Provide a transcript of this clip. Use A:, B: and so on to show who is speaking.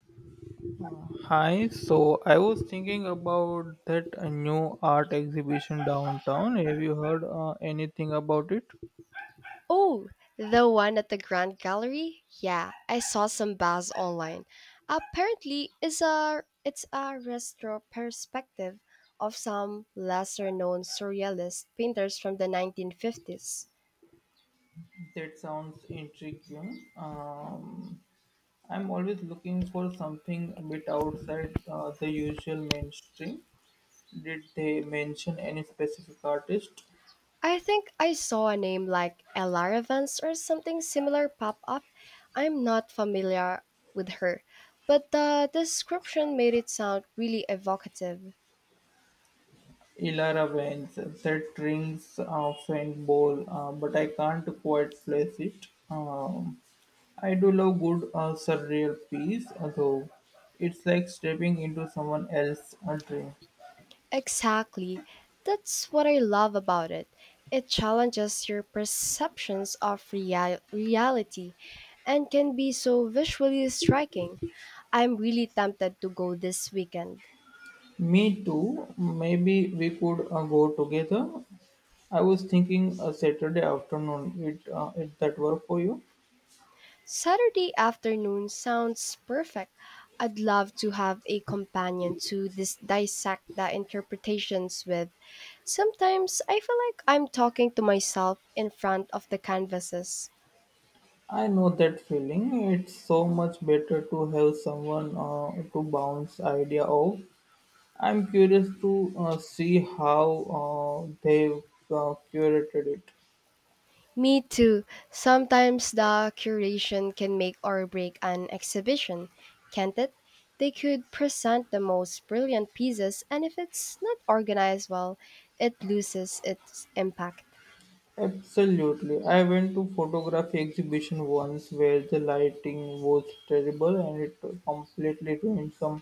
A: Hi, so I was thinking about that new art exhibition downtown. Have you heard anything about it?
B: Oh, the one at the Grand Gallery? Yeah, I saw some buzz online. Apparently, it's a retro perspective of some lesser-known surrealist painters from the 1950s.
A: That sounds intriguing. I'm always looking for something a bit outside the usual mainstream. Did they mention any specific artist?
B: I think I saw a name like Ella Evans or something similar pop up. I'm not familiar with her, but the description made it sound really evocative.
A: Ilara veins that rings off and bowl, but I can't quite place it. I do love good surreal piece, though. It's like stepping into someone else's dream.
B: Exactly. That's what I love about it. It challenges your perceptions of reality and can be so visually striking. I'm really tempted to go this weekend.
A: Me too. Maybe we could go together. I was thinking a Saturday afternoon. It that work for you?
B: Saturday afternoon sounds perfect. I'd love to have a companion to dissect the interpretations with. Sometimes I feel like I'm talking to myself in front of the canvases.
A: I know that feeling. It's so much better to have someone to bounce idea off. I'm curious to see how they've curated it.
B: Me too. Sometimes the curation can make or break an exhibition, can't it? They could present the most brilliant pieces, and if it's not organized well, it loses its impact.
A: Absolutely. I went to photography exhibition once where the lighting was terrible and it completely ruined some